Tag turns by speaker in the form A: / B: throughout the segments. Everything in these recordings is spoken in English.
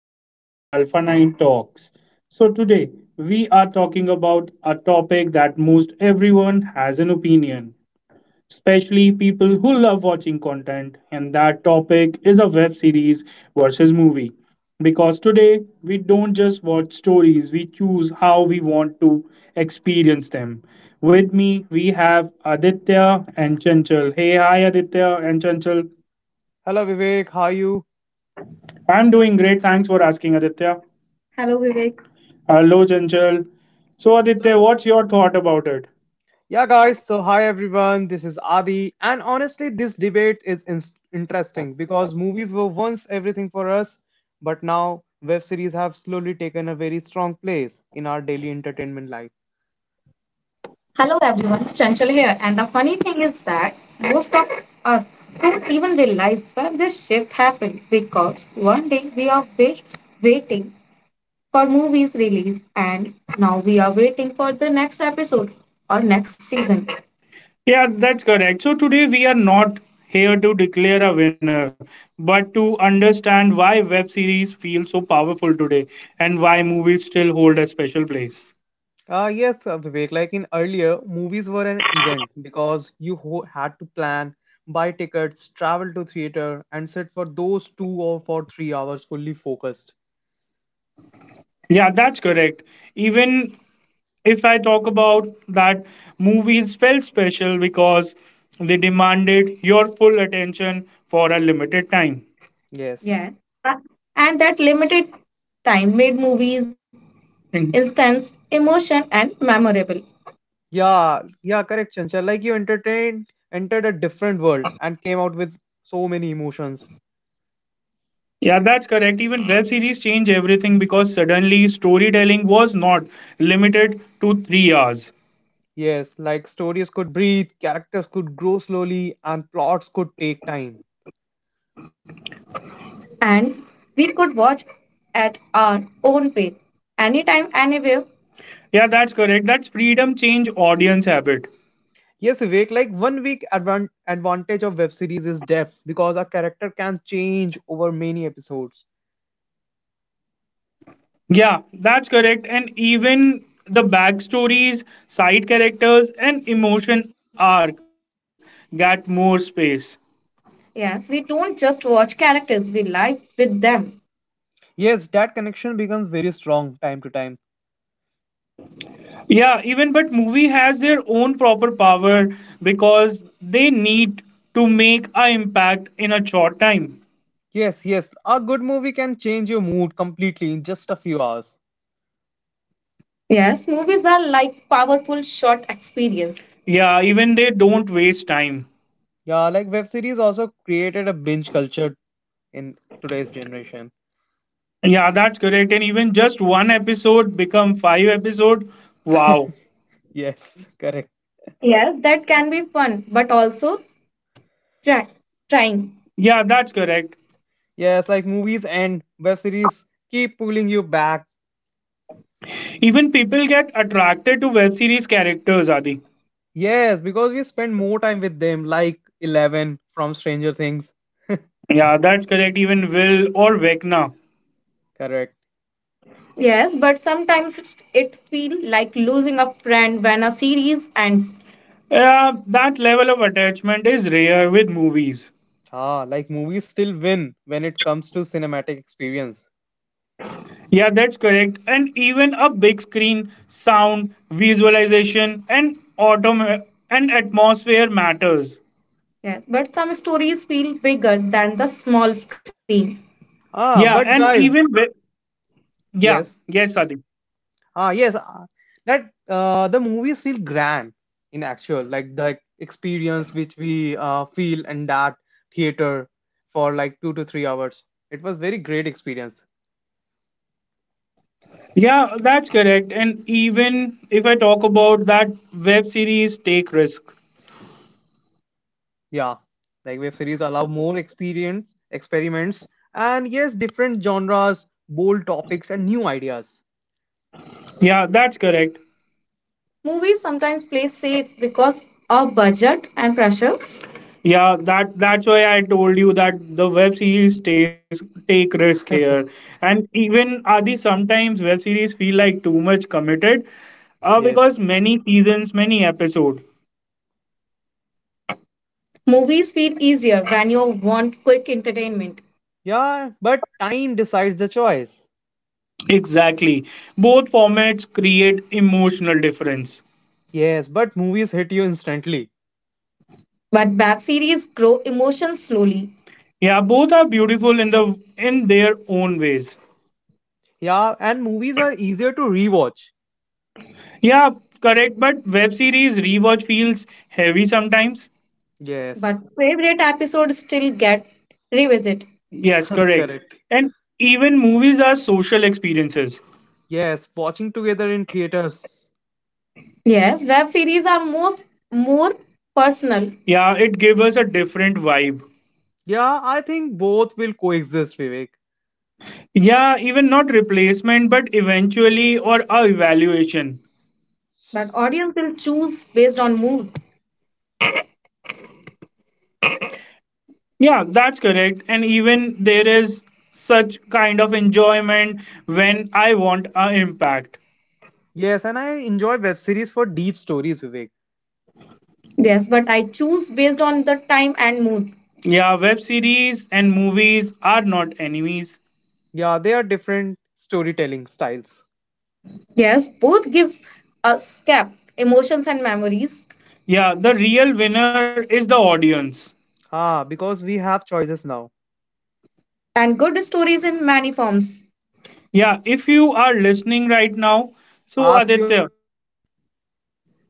A: which we called Alpha 9 Talks. So, today we are talking about a topic that most everyone has an opinion, especially people who love watching content, and that topic is a web series versus movie. Because today we don't just watch stories, we choose how we want to experience them. With me, we have Aditya and Chanchal. Hey, hi, Aditya and Chanchal.
B: Hello Vivek, how are you?
A: I'm doing great. Thanks for asking, Aditya. Hello, Vivek. Hello, Chanchal. So,
B: So y-
A: Aditya, what's your thought about it?
B: yeah guys, hi everyone. This is Adi, and honestly this debate is interesting because movies were once everything for us, but now web series have slowly taken a very strong place in our daily entertainment life.
A: Hello, everyone. Chanchal here. And the funny thing is that most of us don't even realize when this shift happened because one day we are waiting for movies release and now we are waiting for the next episode or next season. Yeah, that's correct. So today we are not here to declare a winner, but to understand why web series feel so powerful today and why movies still hold a special place.
B: Yes, Vivek, like in earlier, movies were an event because you had to plan, buy tickets, travel to theater, and sit for those 2 or for 3 hours fully focused.
A: Yeah, that's correct. Even if I talk about that, movies felt special because they demanded your full attention for a limited time.
B: Yes.
A: Yeah. Uh, And that limited time made movies Mm. instance emotion and memorable.
B: Yeah, yeah, correct, Chanchal. Like you entered a different world and came out with so many emotions.
A: Yeah, that's correct. Even web series change everything because suddenly storytelling was not limited to 3 hours.
B: Yes, like stories could breathe, characters could grow slowly, and plots could take time.
A: And we could watch at our own pace, anytime, anywhere. Yeah, that's correct. That's freedom change audience habit.
B: Yes, Vivek, like one week advantage of web series is depth, because a character can change over many episodes.
A: Yeah, that's correct. And even the backstories, side characters, and emotion arc got more space. Yes, we don't just watch characters, we live with them.
B: Yes, that connection becomes very strong time to time.
A: Yeah, even but movie has their own proper power because they need to make a impact in a short time.
B: Yes, yes, a good movie can change your mood completely in just a few hours.
A: Yes, movies are like powerful short experience. Yeah, even they don't waste time.
B: Yeah, like web series also created a binge culture in today's generation.
A: Yeah, that's correct. And even just one episode become five episode. Wow.
B: Yes, correct.
A: Yes, that can be fun, but also try, trying. Yeah, that's correct.
B: Yes, like movies and web series keep pulling you back.
A: Even people get attracted to web series characters, Adi.
B: Yes, because we spend more time with them, like Eleven from Stranger Things.
A: Yeah, that's correct. Even Will or Vecna.
B: Correct.
A: Yes, but sometimes it feels like losing a friend when a series ends. Yeah, that level of attachment is rare with movies.
B: Ah, like movies still win when it comes to cinematic experience.
A: Yeah, that's correct. And even a big screen, sound, visualization, and and atmosphere matters. Yes, but some stories feel bigger than the small screen. Yeah,
B: Ah,
A: and
B: but
A: even with
B: guys,
A: yeah,
B: yes.
A: yes, Sadi.
B: Ah, yes, ah, that the movies feel grand in actual, like the experience which we feel in that theater for like 2 to 3 hours. It was very great experience.
A: Yeah, that's correct. And even if I talk about that web series, Take Risk.
B: Yeah, like web series allow more experiments, and yes, different genres, bold topics, and new ideas.
A: Yeah, that's correct. Movies sometimes play safe because of budget and pressure. Yeah, that's why I told you that the web series takes take risk here. And even Adi, sometimes web series feel like too much committed, because
B: Yes.
A: many seasons, many episode. Movies feel easier when you want quick entertainment.
B: Yeah, but time decides the choice.
A: Exactly. Both formats create emotional difference.
B: Yes, but movies hit you instantly.
A: But web series grow emotions slowly. Yeah, both are beautiful in the in their own ways.
B: Yeah, and movies are easier to rewatch.
A: Yeah, correct. But web series rewatch feels heavy sometimes.
B: Yes.
A: But favorite episodes still get revisit. Yes, correct.
B: Correct.
A: And even movies are social experiences.
B: Yes, watching together in theaters.
A: Yes, web series are most more personal. Yeah, it gives us a different vibe.
B: Yeah, I think both will coexist, Vivek.
A: Yeah, even not replacement, but eventually or a evaluation. But audience will choose based on mood. Yeah, that's correct. And even there is such kind of enjoyment when I want a impact.
B: Yes, and I enjoy web series for deep stories, Vivek.
A: Yes, but I choose based on the time and mood. Yeah, web series and movies are not enemies.
B: Yeah, they are different storytelling styles.
A: Yes, both gives us cap, emotions and memories. Yeah, the real winner is the audience.
B: Ah, because we have choices now.
A: And good stories in many forms. Yeah, if you are listening right now, so
B: Ask
A: Aditya,
B: yourself.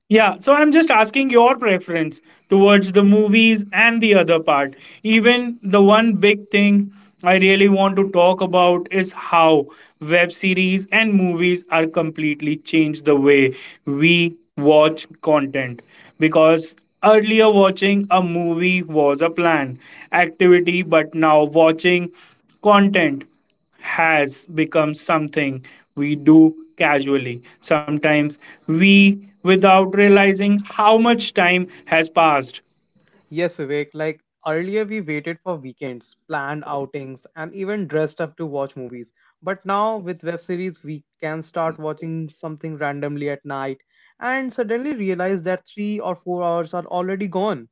A: yeah, so I'm just asking your preference towards the movies and the other part. Even the one big thing I really want to talk about is how web series and movies are completely changed the way we watch content because earlier watching a movie was a plan activity but now watching content has become something we do casually. Sometimes we without realizing how much time has passed.
B: Yes, Vivek, like earlier we waited for weekends, planned outings, and even dressed up to watch movies. But now with web series, we can start watching something randomly at night and suddenly realize that 3 or 4 hours are already gone.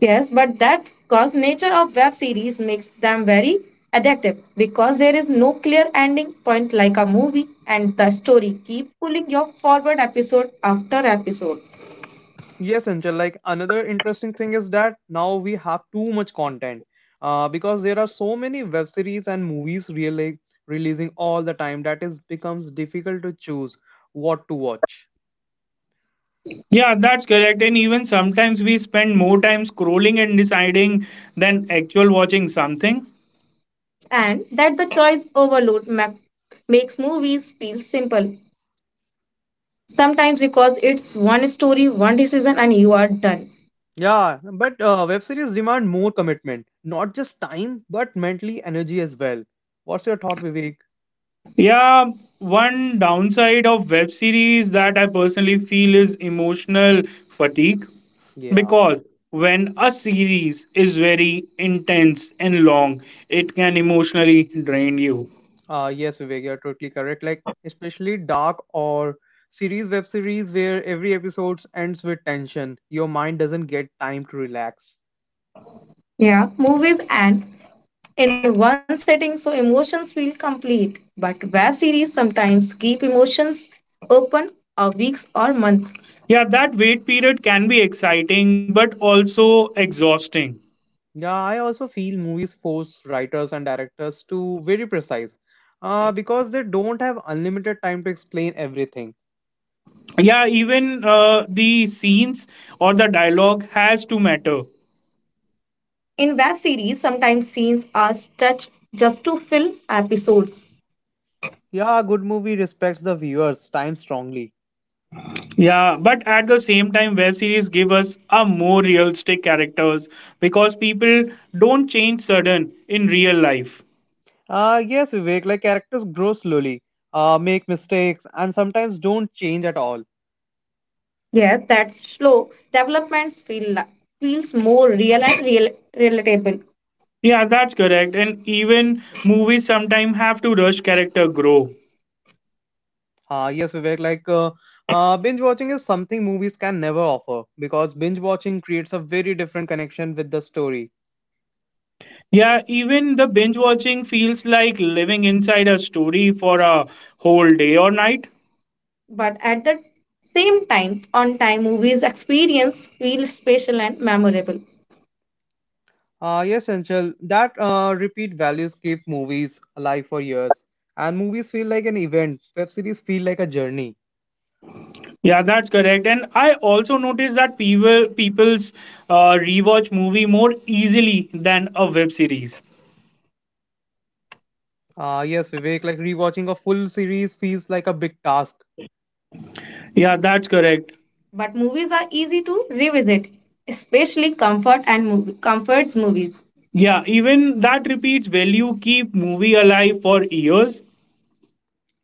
A: Yes, but that's because nature of web series makes them very addictive because there is no clear ending point like a movie and the story keep pulling your forward episode after episode.
B: Yes, Angel, like another interesting thing is that now we have too much content, because there are so many web series and movies really releasing all the time that is becomes difficult to choose what to watch.
A: Yeah, that's correct. And even sometimes we spend more time scrolling and deciding than actual watching something. And that the choice overload makes movies feel simple. Sometimes because it's one story, one decision, and you are done.
B: Yeah, but web series demand more commitment, not just time, but mentally energy as well. What's your thought, Vivek?
A: Yeah, one downside of web series that I personally feel is emotional fatigue
B: Yeah.
A: because when a series is very intense and long, it can emotionally drain you.
B: Yes, Vivek, you're totally correct. Like, especially dark or series, web series, where every episode ends with tension, your mind doesn't get time to relax.
A: Yeah, movies and in one setting so emotions feel complete. But web series sometimes keep emotions open a weeks or months. Yeah, that wait period can be exciting but also exhausting.
B: Yeah, I also feel movies force writers and directors to very precise, because they don't have unlimited time to explain everything.
A: Yeah, even the scenes or the dialogue has to matter. In web series, sometimes scenes are stretched just to fill episodes.
B: Yeah, a good movie respects the viewer's time strongly.
A: Yeah, but at the same time, web series give us a more realistic characters because people don't change sudden in real life.
B: Yes, Vivek, like characters grow slowly, make mistakes, and sometimes don't change at all.
A: Yeah, that's slow. Developments feels more real and real relatable. Yeah, that's correct. And even movies sometimes have to rush character grow.
B: Uh, yes, Vivek, like binge watching is something movies can never offer, because binge watching creates a very different connection with the story.
A: Yeah, even the binge watching feels like living inside a story for a whole day or night. But at the same time, on time movies experience feel special and memorable.
B: Yes, Anchal, that repeat values keep movies alive for years, and movies feel like an event. Web series feel like a journey.
A: Yeah, that's correct. And I also noticed that people's rewatch movie more easily than a web series.
B: Yes, Vivek, like rewatching a full series feels like a big task.
A: Yeah, that's correct. But movies are easy to revisit, especially comforts movies. Yeah, even that repeats value keep movie alive for years.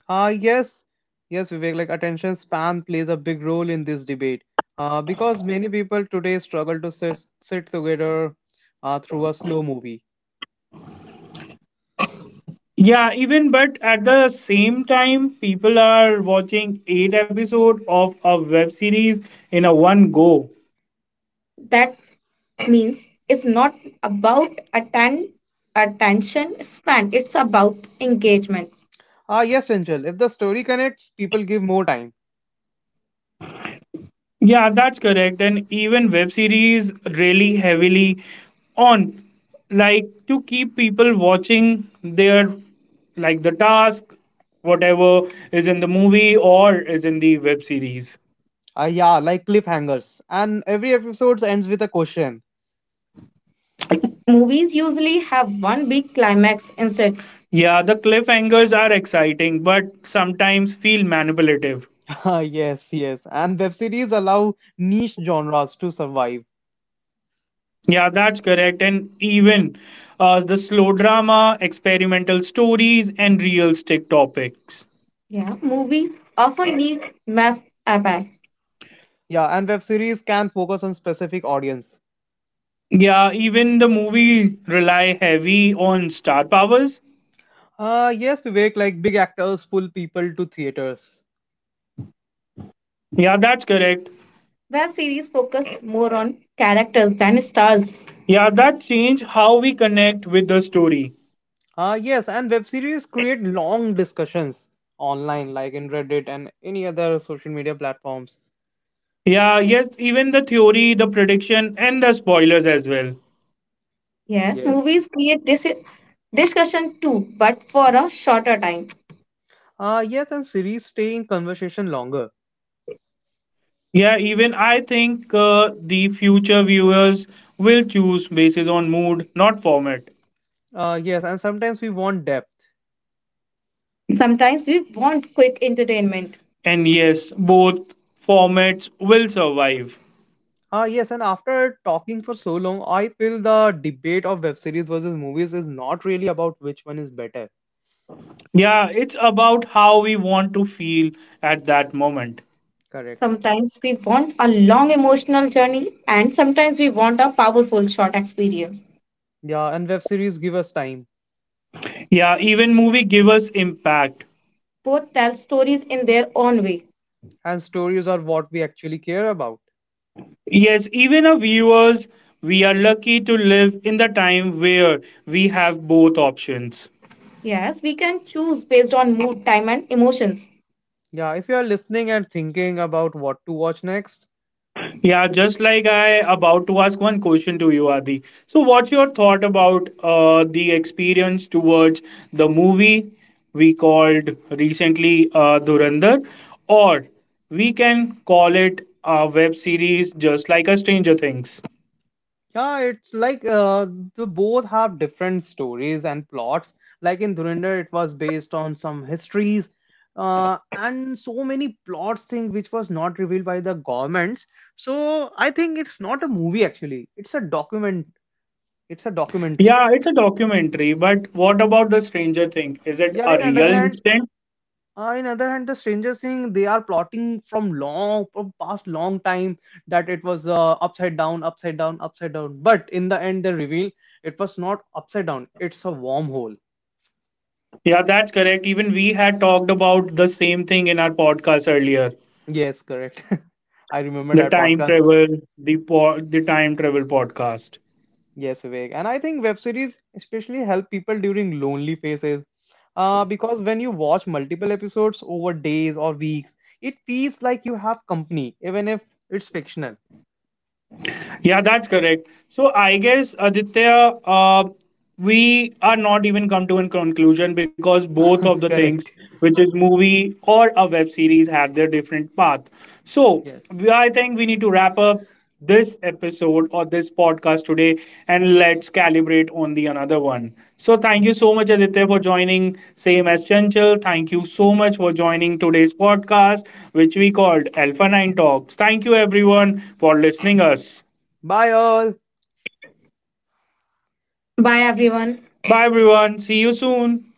B: Uh, yes, Vivek, like attention span plays a big role in this debate. Because many people today struggle to sit together through a slow movie.
A: Yeah, even but at the same time, people are watching eight episode of a web series in a one go. That means it's not about attention span, it's about engagement.
B: Ah, yes, Angel. If the story connects, people give more time.
A: Yeah, that's correct. And even web series really heavily on like to keep people watching their like the task, whatever is in the movie or is in the web series.
B: Ah, yeah, like cliffhangers. And every episode ends with a question.
A: Movies usually have one big climax instead. Yeah, the cliffhangers are exciting, but sometimes feel manipulative.
B: Ah, yes. And web series allow niche genres to survive.
A: Yeah, that's correct. And even the slow drama, experimental stories, and realistic topics. Yeah, movies often need mass appeal.
B: Yeah, and web series can focus on specific audience.
A: Yeah, even the movie rely heavy on star powers.
B: Ah, yes, Vivek, like big actors pull people to theaters.
A: Yeah, that's correct. Web series focus more on characters than stars. Yeah, that change how we connect with the story.
B: Ah, yes, and web series create long discussions online, like in Reddit and any other social media platforms.
A: Yeah, yes, even the theory, the prediction, and the spoilers as well. Yes,
B: Yes.
A: movies create discussion too, but for a shorter time.
B: Ah, yes, and series stay in conversation longer.
A: Yeah, even I think the future viewers will choose basis on mood, not format.
B: Ah, yes, and sometimes we want depth.
A: Sometimes we want quick entertainment. And yes, both formats will survive.
B: Yes, and after talking for so long, I feel the debate of web series versus movies is not really about which one is better.
A: Yeah, it's about how we want to feel at that moment.
B: Correct.
A: Sometimes we want a long emotional journey, and sometimes we want a powerful short experience.
B: Yeah, and web series give us time,
A: Yeah, even movie give us impact. Both tell stories in their own way.
B: and stories are what we actually care about.
A: Yes, even our viewers, we are lucky to live in the time where we have both options. Yes, we can choose based on mood, time, and emotions.
B: Yeah, if you are listening and thinking about what to watch next.
A: Yeah, just like I about to ask one question to you, Adi. So, what's your thought about the experience towards the movie we called recently Durandar, or we can call it a web series, just like a Stranger Things.
B: Yeah, it's like the both have different stories and plots. Like in Dhurinder, it was based on some histories, and so many plots thing which was not revealed by the governments. So I think it's not a movie actually. It's a document. It's a documentary.
A: Yeah, it's a documentary, but what about the Stranger Thing? Is it
B: Yeah.
A: a
B: In other
A: real
B: hand,
A: incident?
B: uh, in other hand, the Stranger Thing they are plotting from long, from past long time, that it was uh, upside down. But in the end, they reveal it was not upside down. It's a wormhole.
A: Yeah, that's correct. Even we had talked about the same thing in our podcast earlier.
B: Yes, correct. I remember
A: The
B: that
A: time
B: podcast.
A: travel, the time travel podcast.
B: Yes, Vivek. And I think web series especially help people during lonely phases. Because when you watch multiple episodes over days or weeks, it feels like you have company, even if it's fictional.
A: Yeah, that's correct. So I guess Aditya, we are not even come to a conclusion because both of the things,
B: Correct.
A: which is movie or a web series, had their different path. So
B: Yes.
A: I think we need to wrap up this episode or this podcast today, and let's calibrate on the another one. So thank you so much, Aditya, for joining. Same as Chanchal, thank you so much for joining today's podcast, which we called Alpha Nine Talks. Thank you everyone for listening us.
B: Bye all.
A: Bye, everyone. Bye, everyone. See you soon.